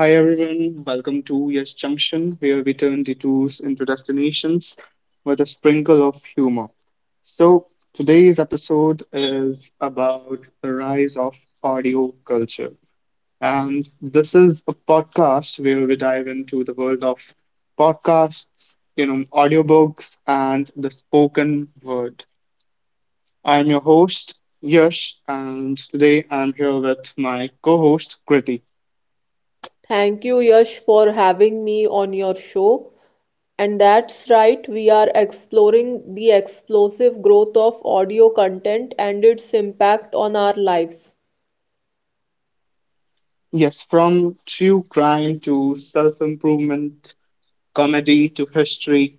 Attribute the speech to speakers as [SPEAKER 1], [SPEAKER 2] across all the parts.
[SPEAKER 1] Hi everyone, welcome to Yes Junction, where we turn detours into destinations with a sprinkle of humor. So, Today's episode is about the rise of audio culture. And this is a podcast where we dive into the world of podcasts, you know, audiobooks, and the spoken word. I'm your host, Yash, and today I'm here with my co host, Kriti.
[SPEAKER 2] Thank you, Yash, for having me on your show. And that's right, we are exploring the explosive growth of audio content and its impact on our lives.
[SPEAKER 1] Yes, from true crime to self improvement, comedy to history,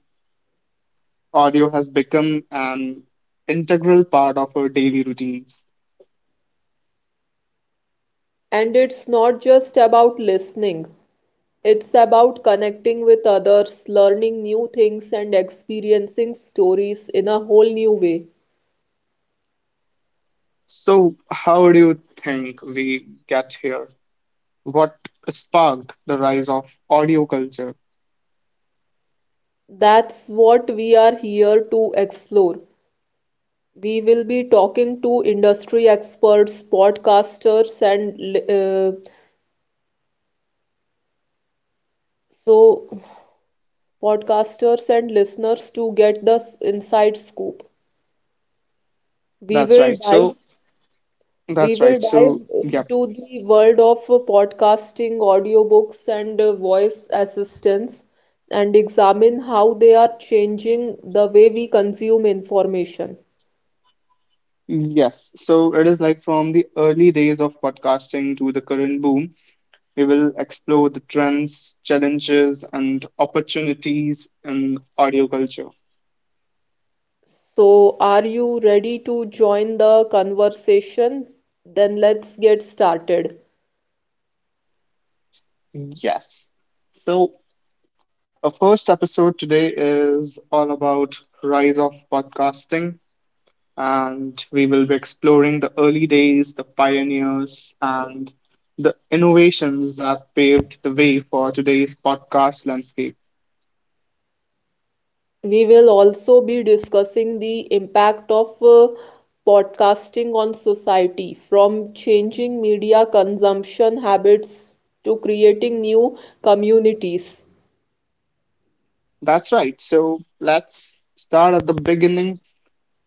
[SPEAKER 1] audio has become an integral part of our daily routines.
[SPEAKER 2] And it's not just about listening, it's about connecting with others, learning new things, and experiencing stories in a whole new way.
[SPEAKER 1] So, how do you think we get here? What sparked the rise of audio culture?
[SPEAKER 2] That's what we are here to explore. We will be talking to industry experts, podcasters, and so podcasters and listeners to get the inside scoop. We
[SPEAKER 1] That's
[SPEAKER 2] will
[SPEAKER 1] right.
[SPEAKER 2] dive
[SPEAKER 1] So,
[SPEAKER 2] we
[SPEAKER 1] that's
[SPEAKER 2] will
[SPEAKER 1] right. So,
[SPEAKER 2] dive
[SPEAKER 1] yep.
[SPEAKER 2] into the world of podcasting, audiobooks and voice assistants and examine how they are changing the way we consume information.
[SPEAKER 1] Yes. So, it is like from the early days of podcasting to the current boom, we will explore the trends, challenges, and opportunities in audio culture.
[SPEAKER 2] So, are you ready to join the conversation? Then let's get started.
[SPEAKER 1] Yes. So, our first episode today is all about rise of podcasting, and we will be exploring the early days, the pioneers, and the innovations that paved the way for today's podcast landscape.
[SPEAKER 2] We will also be discussing the impact of podcasting on society, from changing media consumption habits to creating new communities.
[SPEAKER 1] That's right. So let's start at the beginning.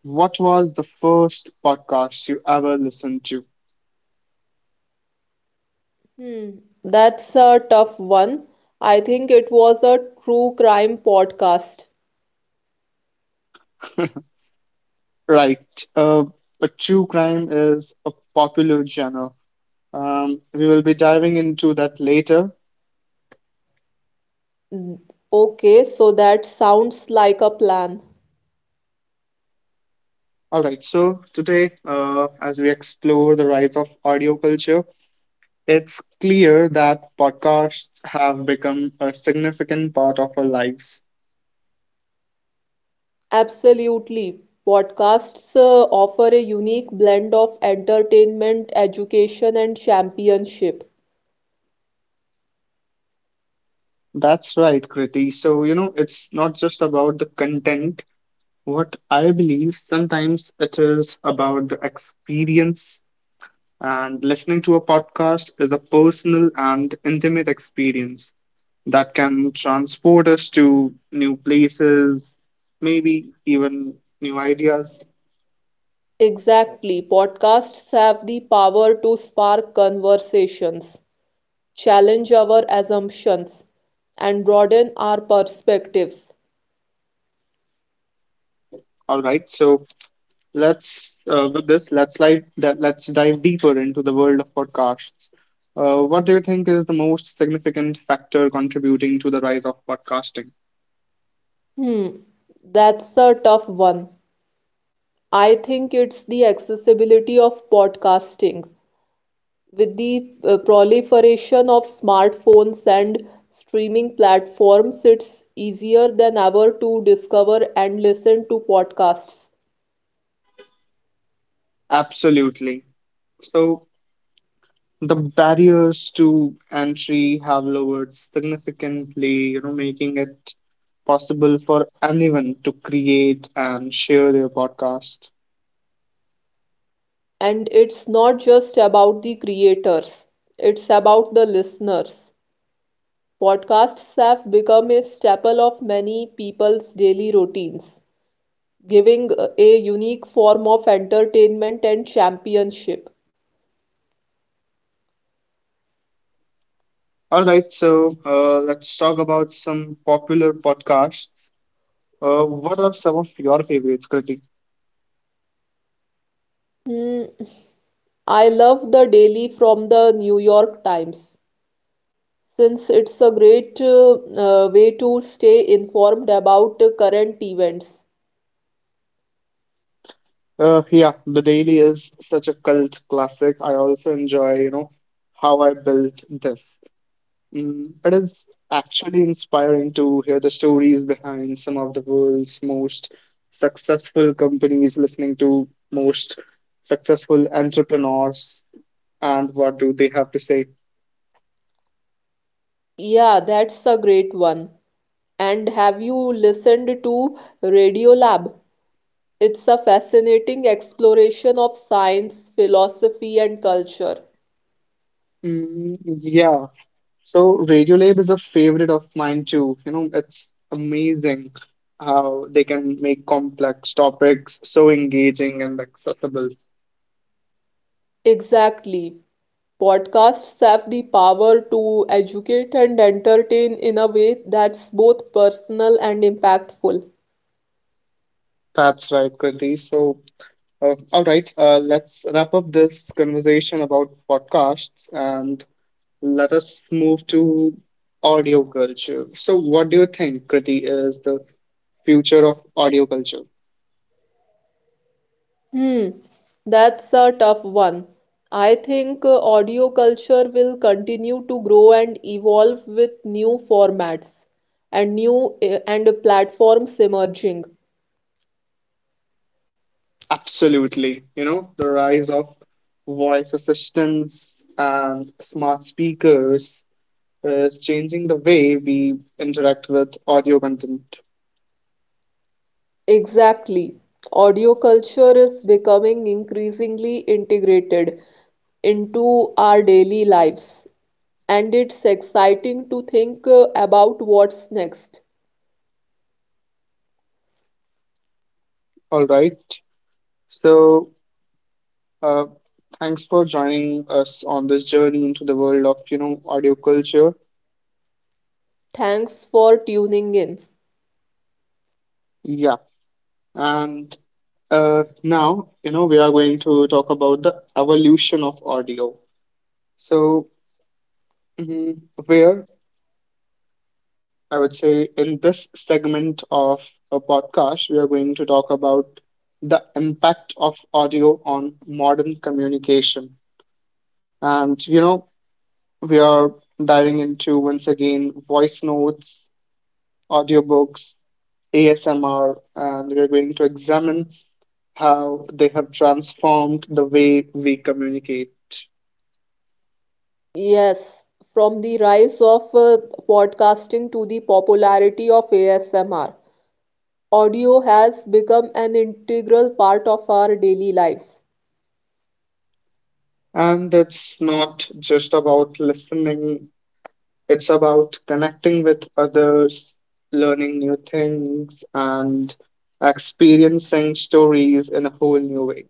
[SPEAKER 1] What was the first podcast you ever listened to?
[SPEAKER 2] Hmm, that's a tough one. I think it was a true crime podcast.
[SPEAKER 1] Right. Uh, a true crime is a popular genre. We will be diving into that later.
[SPEAKER 2] Mm. Okay, so that sounds like a plan.
[SPEAKER 1] All right. So today, as we explore the rise of audio culture, it's clear that podcasts have become a significant part of our lives.
[SPEAKER 2] Absolutely. Podcasts offer a unique blend of entertainment, education, and championship.
[SPEAKER 1] That's right, Kriti. So, you know, it's not just about the content. What I believe sometimes it is about the experience, and listening to a podcast is a personal and intimate experience that can transport us to new places, maybe even new ideas.
[SPEAKER 2] Exactly. Podcasts have the power to spark conversations, challenge our assumptions, and broaden our perspectives.
[SPEAKER 1] All right, so let's with this let's like that let's dive deeper into the world of podcasts. What do you think is the most significant factor contributing to the rise of podcasting?
[SPEAKER 2] Hmm, that's a tough one. I think it's the accessibility of podcasting. With the proliferation of smartphones and streaming platforms, it's easier than ever to discover and listen to podcasts.
[SPEAKER 1] Absolutely. So the barriers to entry have lowered significantly, you know, making it possible for anyone to create and share their podcast.
[SPEAKER 2] And it's not just about the creators, it's about the listeners. Podcasts have become a staple of many people's daily routines, giving a unique form of entertainment and championship.
[SPEAKER 1] All right, so let's talk about some popular podcasts. What are some of your favorites, Kriti?
[SPEAKER 2] I love the daily from the New York Times since it's a great way to stay informed about current events.
[SPEAKER 1] Yeah, The Daily is such a cult classic. I also enjoy, you know, how I built this. Mm, it is actually inspiring to hear the stories behind some of the world's most successful companies, listening to most successful entrepreneurs and what do they have to say.
[SPEAKER 2] Yeah, that's a great one. And have you listened to Radio Lab? It's a fascinating exploration of science, philosophy, and culture.
[SPEAKER 1] Mm, yeah. So Radiolab is a favorite of mine too. You know, it's amazing how they can make complex topics so engaging and accessible.
[SPEAKER 2] Exactly. Podcasts have the power to educate and entertain in a way that's both personal and impactful.
[SPEAKER 1] That's right, Kriti. Let's wrap up this conversation about podcasts and let us move to audio culture. So, what do you think, Kriti, is the future of audio culture?
[SPEAKER 2] Hmm, that's a tough one. I think audio culture will continue to grow and evolve with new formats and platforms emerging.
[SPEAKER 1] Absolutely. You know, the rise of voice assistants and smart speakers is changing the way we interact with audio content.
[SPEAKER 2] Exactly. Audio culture is becoming increasingly integrated into our daily lives, and it's exciting to think about what's next.
[SPEAKER 1] All right. So, Uh, Thanks for joining us on this journey into the world of, you know, audio culture.
[SPEAKER 2] Thanks for tuning in.
[SPEAKER 1] Yeah, and now you know we are going to talk about the evolution of audio. So mhm, where I would say in this segment of a podcast, we are going to talk about the impact of audio on modern communication, and you know we are diving into once again voice notes, audiobooks, ASMR, and we're going to examine how they have transformed the way we communicate.
[SPEAKER 2] Yes, from the rise of podcasting to the popularity of ASMR, audio has become an integral part of our daily lives.
[SPEAKER 1] And it's not just about listening, it's about connecting with others, learning new things, and experiencing stories in a whole new way.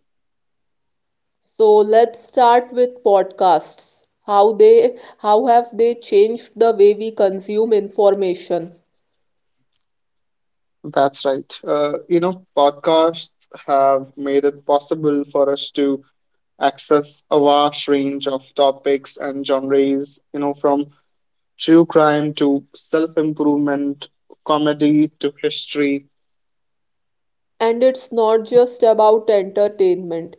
[SPEAKER 2] So let's start with podcasts. How have they changed the way we consume information?
[SPEAKER 1] That's right. You know, podcasts have made it possible for us to access a vast range of topics and genres, you know, from true crime to self improvement, comedy to history.
[SPEAKER 2] And it's not just about entertainment.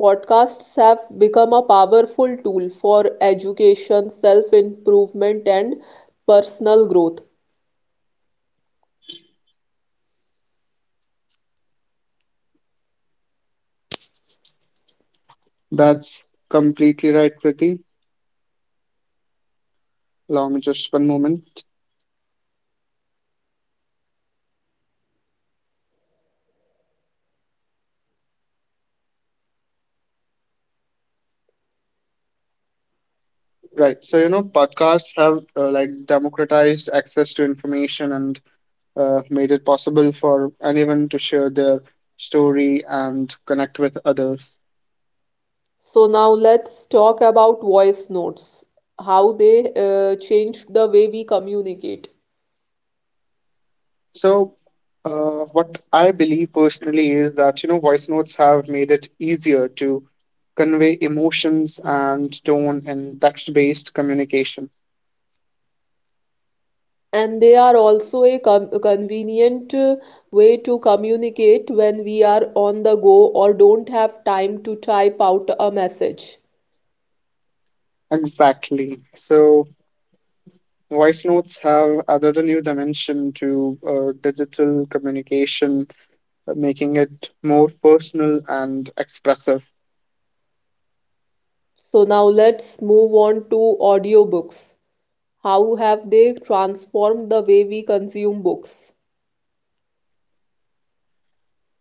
[SPEAKER 2] Podcasts have become a powerful tool for education, self-improvement, and personal growth.
[SPEAKER 1] That's completely right, Kriti. Allow me just one moment. Right. So, you know, podcasts have like democratized access to information and made it possible for anyone to share their story and connect with others.
[SPEAKER 2] So now let's talk about voice notes, how they changed the way we communicate.
[SPEAKER 1] So, what I believe personally is that, you know, voice notes have made it easier to convey emotions and tone in text-based communication.
[SPEAKER 2] And they are also a convenient way to communicate when we are on the go or don't have time to type out a message.
[SPEAKER 1] Exactly. So, voice notes have added a new dimension to digital communication, making it more personal and expressive.
[SPEAKER 2] So now let's move on to audiobooks. How have they transformed the way we consume books?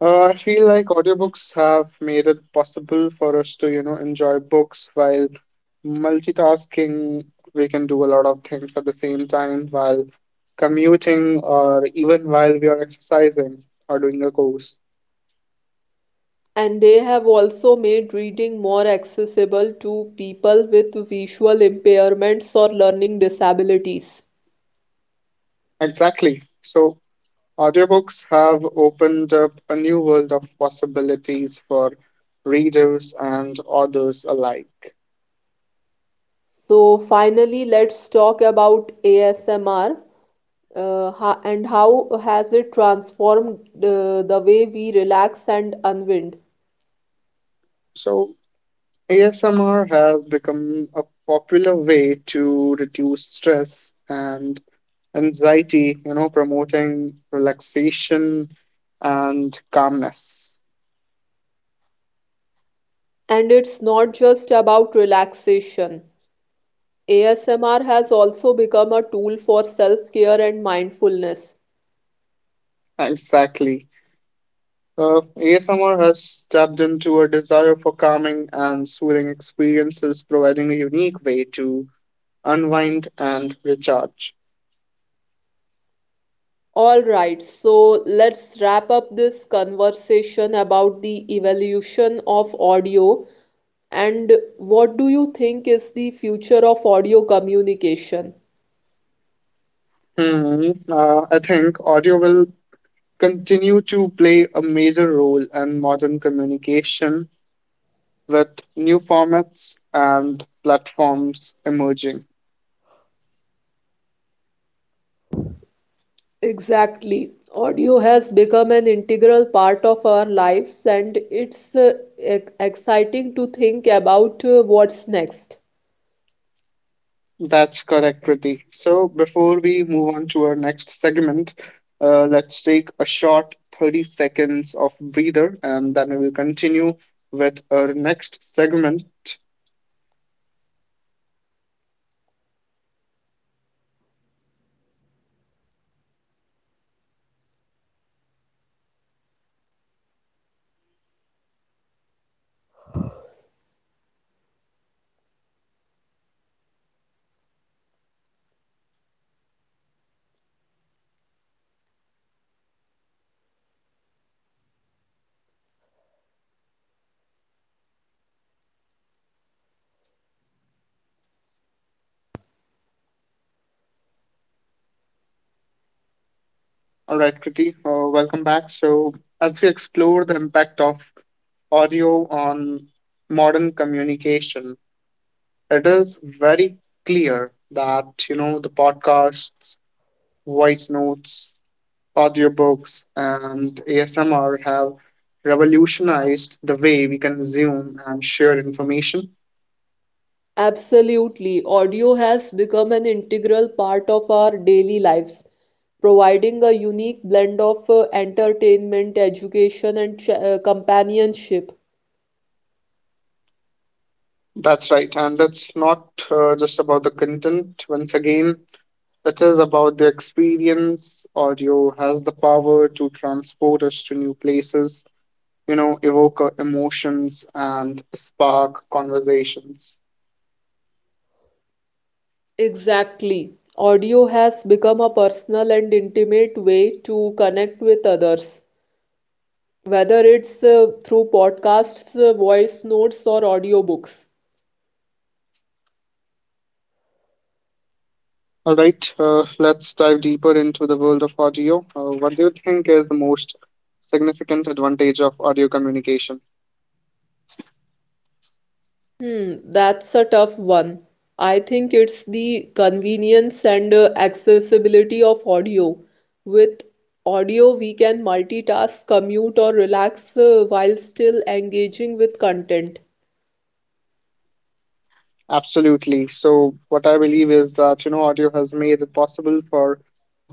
[SPEAKER 1] I feel like audiobooks have made it possible for us to, you know, enjoy books while multitasking. We can do a lot of things at the same time while commuting or even while we are exercising or doing a course.
[SPEAKER 2] And they have also made reading more accessible to people with visual impairments or learning disabilities.
[SPEAKER 1] Exactly. So, audiobooks have opened up a new world of possibilities for readers and authors alike.
[SPEAKER 2] So, finally, let's talk about ASMR. Ha and how has it transformed the way we relax and unwind?
[SPEAKER 1] So, ASMR has become a popular way to reduce stress and anxiety, you know, promoting relaxation and calmness.
[SPEAKER 2] And it's not just about relaxation. ASMR has also become a tool for self-care and mindfulness.
[SPEAKER 1] Exactly. ASMR has tapped into a desire for calming and soothing experiences, providing a unique way to unwind and recharge.
[SPEAKER 2] All right, so let's wrap up this conversation about the evolution of audio and what do you think is the future of audio communication?
[SPEAKER 1] Hmm. I think audio will continue to play a major role in modern communication with new formats and platforms emerging.
[SPEAKER 2] Exactly. Audio has become an integral part of our lives, and it's exciting to think about what's next.
[SPEAKER 1] That's correct, Kriti. So before we move on to our next segment, let's take a short 30 seconds of breather and then we will continue with our next segment. All right, Kriti, welcome back. So as we explore the impact of audio on modern communication, it is very clear that, you know, the podcasts, voice notes, audiobooks, and ASMR have revolutionized the way we consume and share information.
[SPEAKER 2] Absolutely. Audio has become an integral part of our daily lives, providing a unique blend of entertainment, education, and companionship.
[SPEAKER 1] That's right. And that's not just about the content. Once again, it is about the experience. Audio has the power to transport us to new places, you know, evoke emotions and spark conversations.
[SPEAKER 2] Exactly. Audio has become a personal and intimate way to connect with others, whether it's through podcasts, voice notes, or audiobooks.
[SPEAKER 1] All right, let's dive deeper into the world of audio. What do you think is the most significant advantage of audio communication?
[SPEAKER 2] That's a tough one. I think it's the convenience and accessibility of audio. With audio, we can multitask, commute, or relax while still engaging with content.
[SPEAKER 1] Absolutely. So, what I believe is that, you know, audio has made it possible for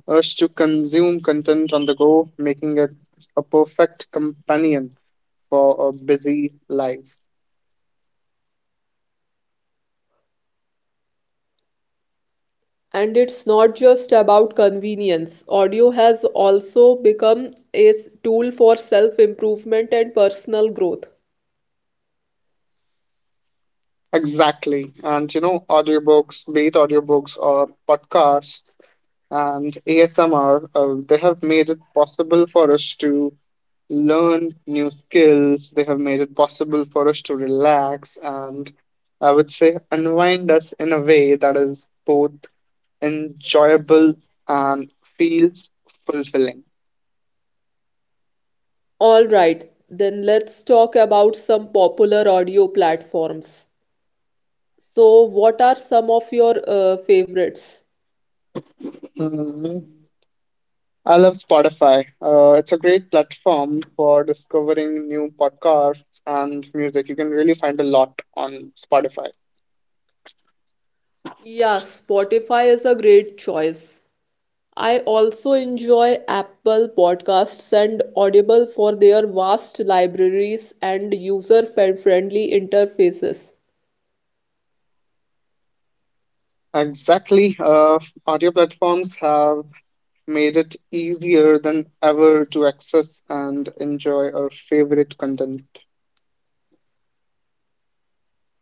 [SPEAKER 1] us to consume content on the go, making it a perfect companion for a busy life.
[SPEAKER 2] And it's not just about convenience. Audio has also become a tool for self-improvement and personal growth.
[SPEAKER 1] Exactly. And, you know, audiobooks, be it audiobooks or podcasts and ASMR, they have made it possible for us to learn new skills. They have made it possible for us to relax and I would say unwind us in a way that is both enjoyable and feels fulfilling.
[SPEAKER 2] All right, then let's talk about some popular audio platforms. So, what are some of your favorites?
[SPEAKER 1] Mhm. I love Spotify. It's a great platform for discovering new podcasts and music. You can really find a lot on Spotify.
[SPEAKER 2] Yeah, Spotify is a great choice. I also enjoy Apple Podcasts and Audible for their vast libraries and user-friendly interfaces.
[SPEAKER 1] Exactly. Audio platforms have made it easier than ever to access and enjoy our favorite content.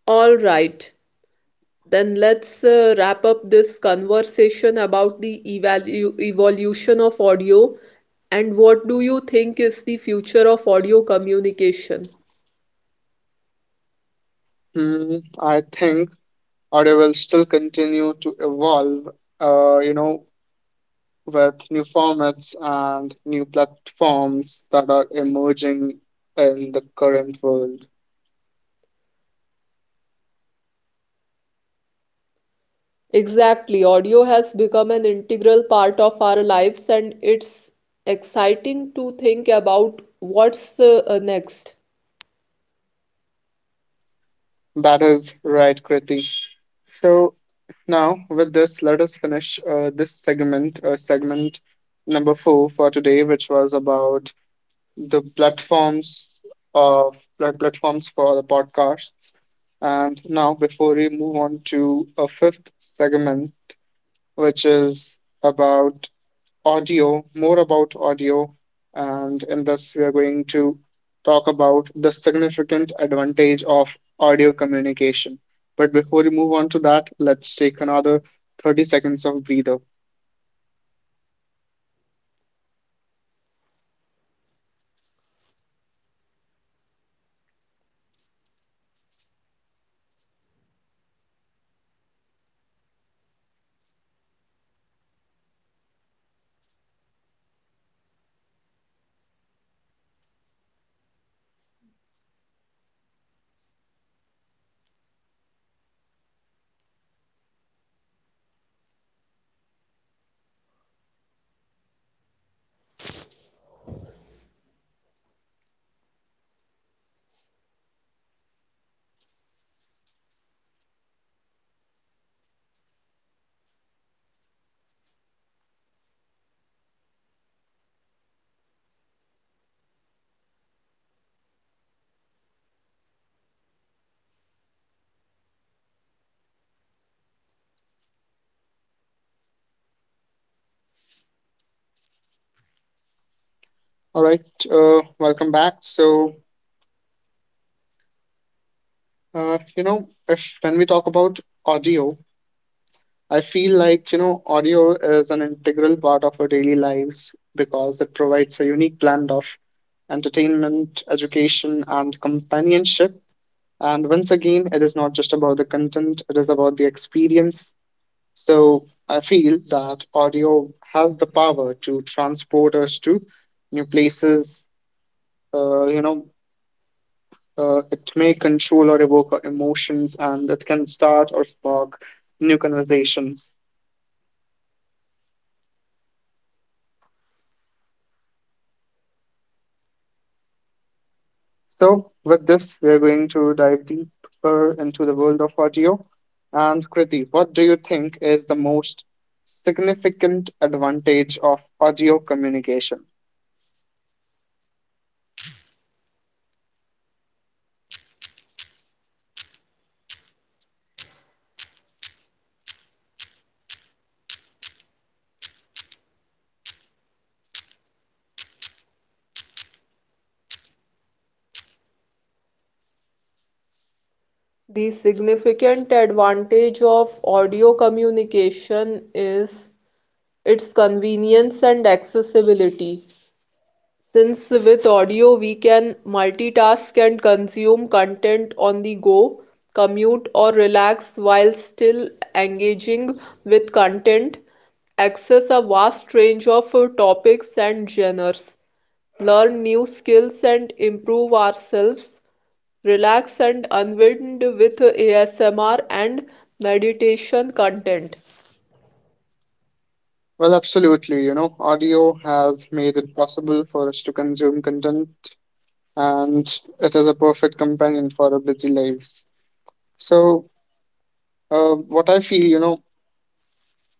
[SPEAKER 2] All right, then let's wrap up this conversation about the evalu evolution of audio and what do you think is the future of audio communication?
[SPEAKER 1] Hmm, I think audio will still continue to evolve, you know, with new formats and new platforms that are emerging in the current world.
[SPEAKER 2] Exactly, audio has become an integral part of our lives, and it's exciting to think about what's next.
[SPEAKER 1] That is right, Kriti. So now with this, let us finish this segment number 4 for today, which was about the platforms of platforms for the podcasts. And now, before we move on to a fifth segment, which is about audio, more about audio, and in this we are going to talk about the significant advantage of audio communication. But before we move on to that, let's take another 30 seconds of breather. All right, welcome back. So, you know, if when we talk about audio, I feel like, you know, audio is an integral part of our daily lives because it provides a unique blend of entertainment, education, and companionship. And once again, it is not just about the content, it is about the experience. So I feel that audio has the power to transport us to new places. Uh, you know, it may control or evoke our emotions, and it can start or spark new conversations. So, with this, we are going to dive deeper into the world of audio. And Kriti, what do you think is the most significant advantage of audio communication?
[SPEAKER 2] The significant advantage of audio communication is its convenience and accessibility. Since with audio we can multitask and consume content on the go, commute, or relax while still engaging with content, access a vast range of topics and genres, learn new skills and improve ourselves, relax and unwind with ASMR and meditation content.
[SPEAKER 1] Well, absolutely. You know, audio has made it possible for us to consume content, and it is a perfect companion for our busy lives. So, what I feel, you know,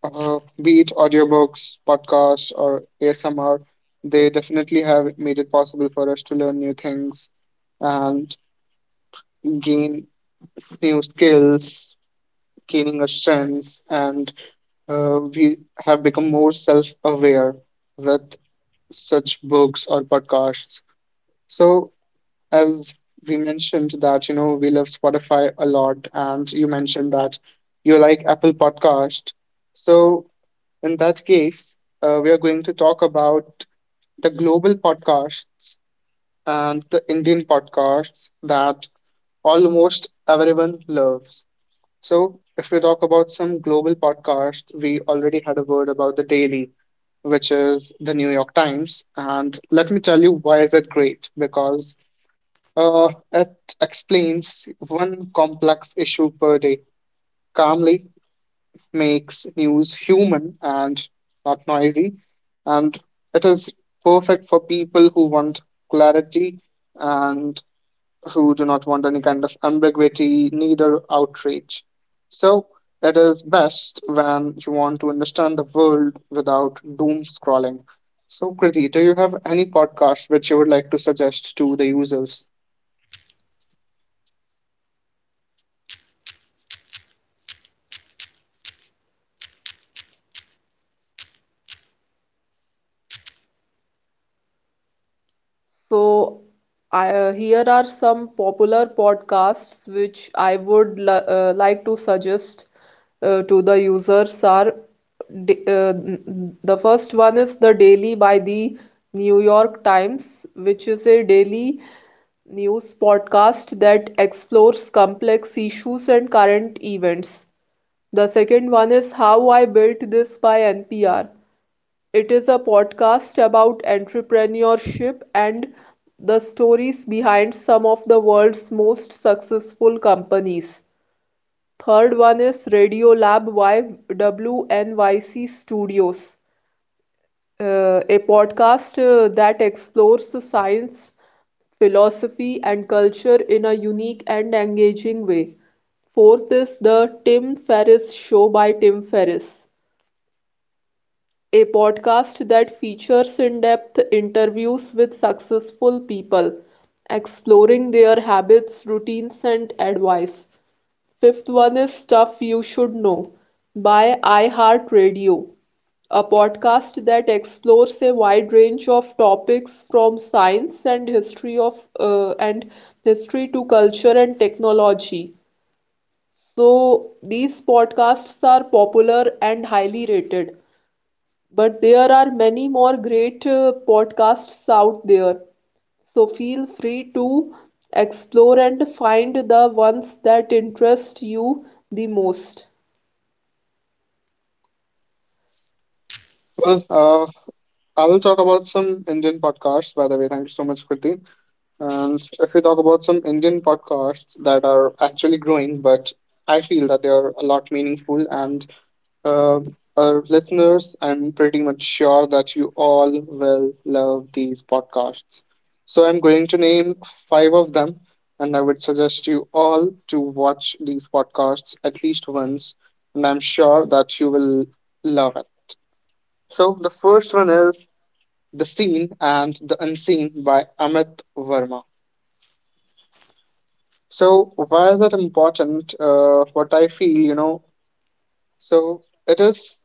[SPEAKER 1] be it audiobooks, podcasts, or ASMR, they definitely have made it possible for us to learn new things and gain new skills, gaining our strengths, and we have become more self aware with such books or podcasts. So, as we mentioned that you know we love Spotify a lot, and you mentioned that you like Apple Podcast. So in that case, we are going to talk about the global podcasts and the Indian podcasts that almost everyone loves. So, if we talk about some global podcasts, we already had a word about the Daily, which is the New York Times. And let me tell you why is it great? Because it explains one complex issue per day, calmly makes news human and not noisy. And it is perfect for people who want clarity and who do not want any kind of ambiguity, neither outrage. So it is best when you want to understand the world without doom scrolling. So, Kriti, do you have any podcast which you would like to suggest to the users?
[SPEAKER 2] So, here are some popular podcasts which I would like to suggest to the users. The first one is The Daily by the New York Times, which is a daily news podcast that explores complex issues and current events. The second one is How I Built This by NPR, it is a podcast about entrepreneurship and the stories behind some of the world's most successful companies. Third one is Radiolab by WNYC Studios, a podcast that explores science, philosophy, and culture in a unique and engaging way. Fourth is The Tim Ferriss Show by Tim Ferriss, a podcast that features in depth interviews with successful people, exploring their habits, routines, and advice. Fifth one is Stuff You Should Know by iHeartRadio, a podcast that explores a wide range of topics from science and history to culture and technology. So these podcasts are popular and highly rated. But there are many more great podcasts out there. So feel free to explore and find the ones that interest you the most.
[SPEAKER 1] Well, I will talk about some Indian podcasts, by the way. Thank you so much, Kriti. And if we talk about some Indian podcasts that are actually growing, but I feel that they are a lot meaningful. And uh, our listeners, I'm pretty much sure that you all will love these podcasts. So I'm going to name five of them, and I would suggest you all to watch these podcasts at least once. And I'm sure that you will love it. So the first one is The Seen and the Unseen by Amit Verma. So why is that important? What I feel, you know, so it is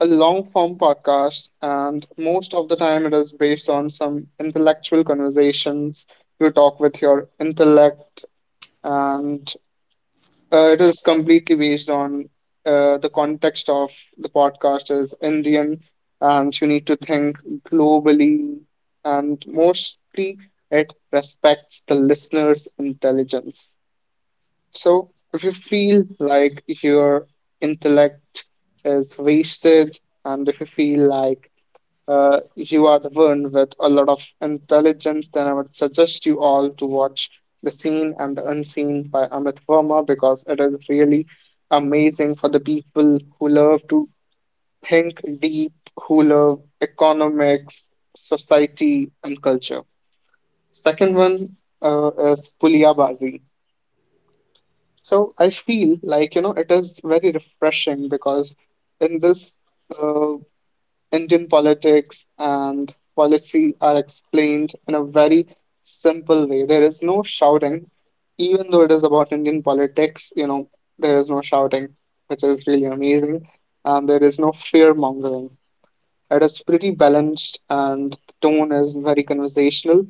[SPEAKER 1] a long form podcast, and most of the time it is based on some intellectual conversations. You talk with your intellect, and it is completely based on the context of the podcast is Indian, and you need to think globally, and mostly it respects the listener's intelligence. So, if you feel like your intellect is wasted, and if you feel like you are the one with a lot of intelligence, then I would suggest you all to watch The Seen and the Unseen by Amit Verma because it is really amazing for the people who love to think deep, who love economics, society, and culture. Second one is Puliyabazi. So I feel like, you know, it is very refreshing because in this uh, Indian politics and policy are explained in a very simple way. There is no shouting, even though it is about Indian politics, you know, there is no shouting, which is really amazing. And there is no fear mongering. It is pretty balanced and the tone is very conversational,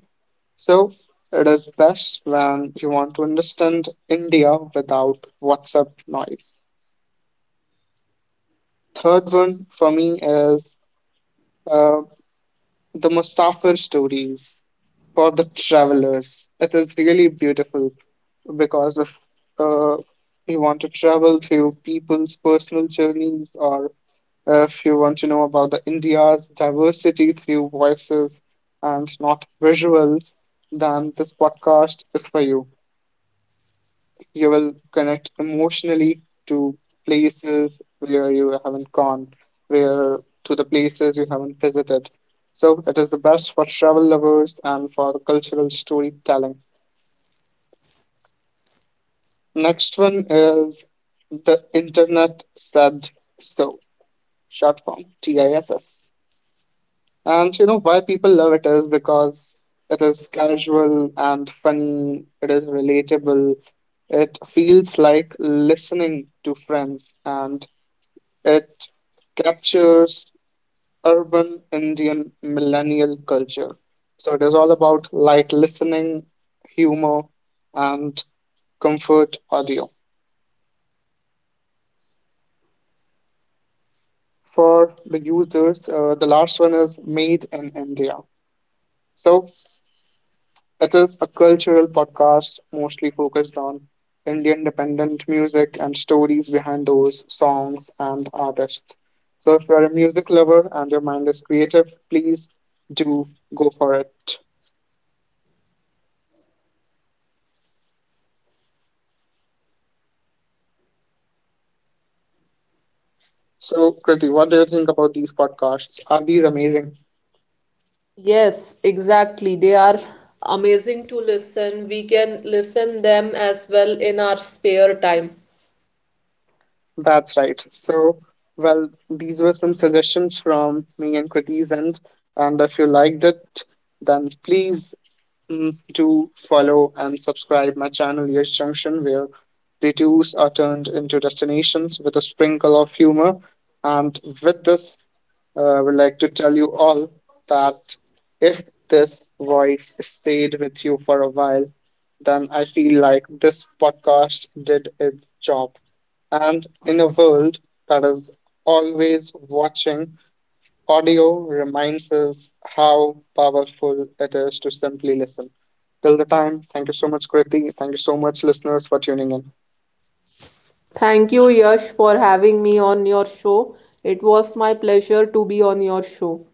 [SPEAKER 1] so it is best when you want to understand India without WhatsApp noise. Third one for me is uh, the Mustafir stories for the travelers. It is really beautiful because if uh, you want to travel through people's personal journeys, or if you want to know about the India's diversity through voices and not visuals, then this podcast is for you. You will connect emotionally to places where you haven't gone, where to the places you haven't visited. So it is the best for travel lovers and for the cultural storytelling. Next one is the internet said so, short form TISS. And you know why people love it is because it is casual and funny, it is relatable, it feels like listening to friends, and it captures urban Indian millennial culture. So it is all about light listening, humor, and comfort audio. For the users, the last one is Made in India. So it is a cultural podcast mostly focused on Indian dependent music and stories behind those songs and artists. So if you're a music lover and your mind is creative, please do go for it. So, Kriti, what do you think about these podcasts? Are these amazing?
[SPEAKER 2] Yes, exactly. They are amazing to listen. We can listen them as well in our spare time.
[SPEAKER 1] That's right. So, well, these were some suggestions from me and Kriti's end. And if you liked it, then please do follow and subscribe my channel Yes Junction, where detours are turned into destinations with a sprinkle of humor. And with this, I would like to tell you all that if this voice stayed with you for a while, then I feel like this podcast did its job. And in a world that is always watching, audio reminds us how powerful it is to simply listen. Till the time, thank you so much, Kriti. Thank you so much, listeners, for tuning in.
[SPEAKER 2] Thank you, Yash, for having me on your show. It was my pleasure to be on your show.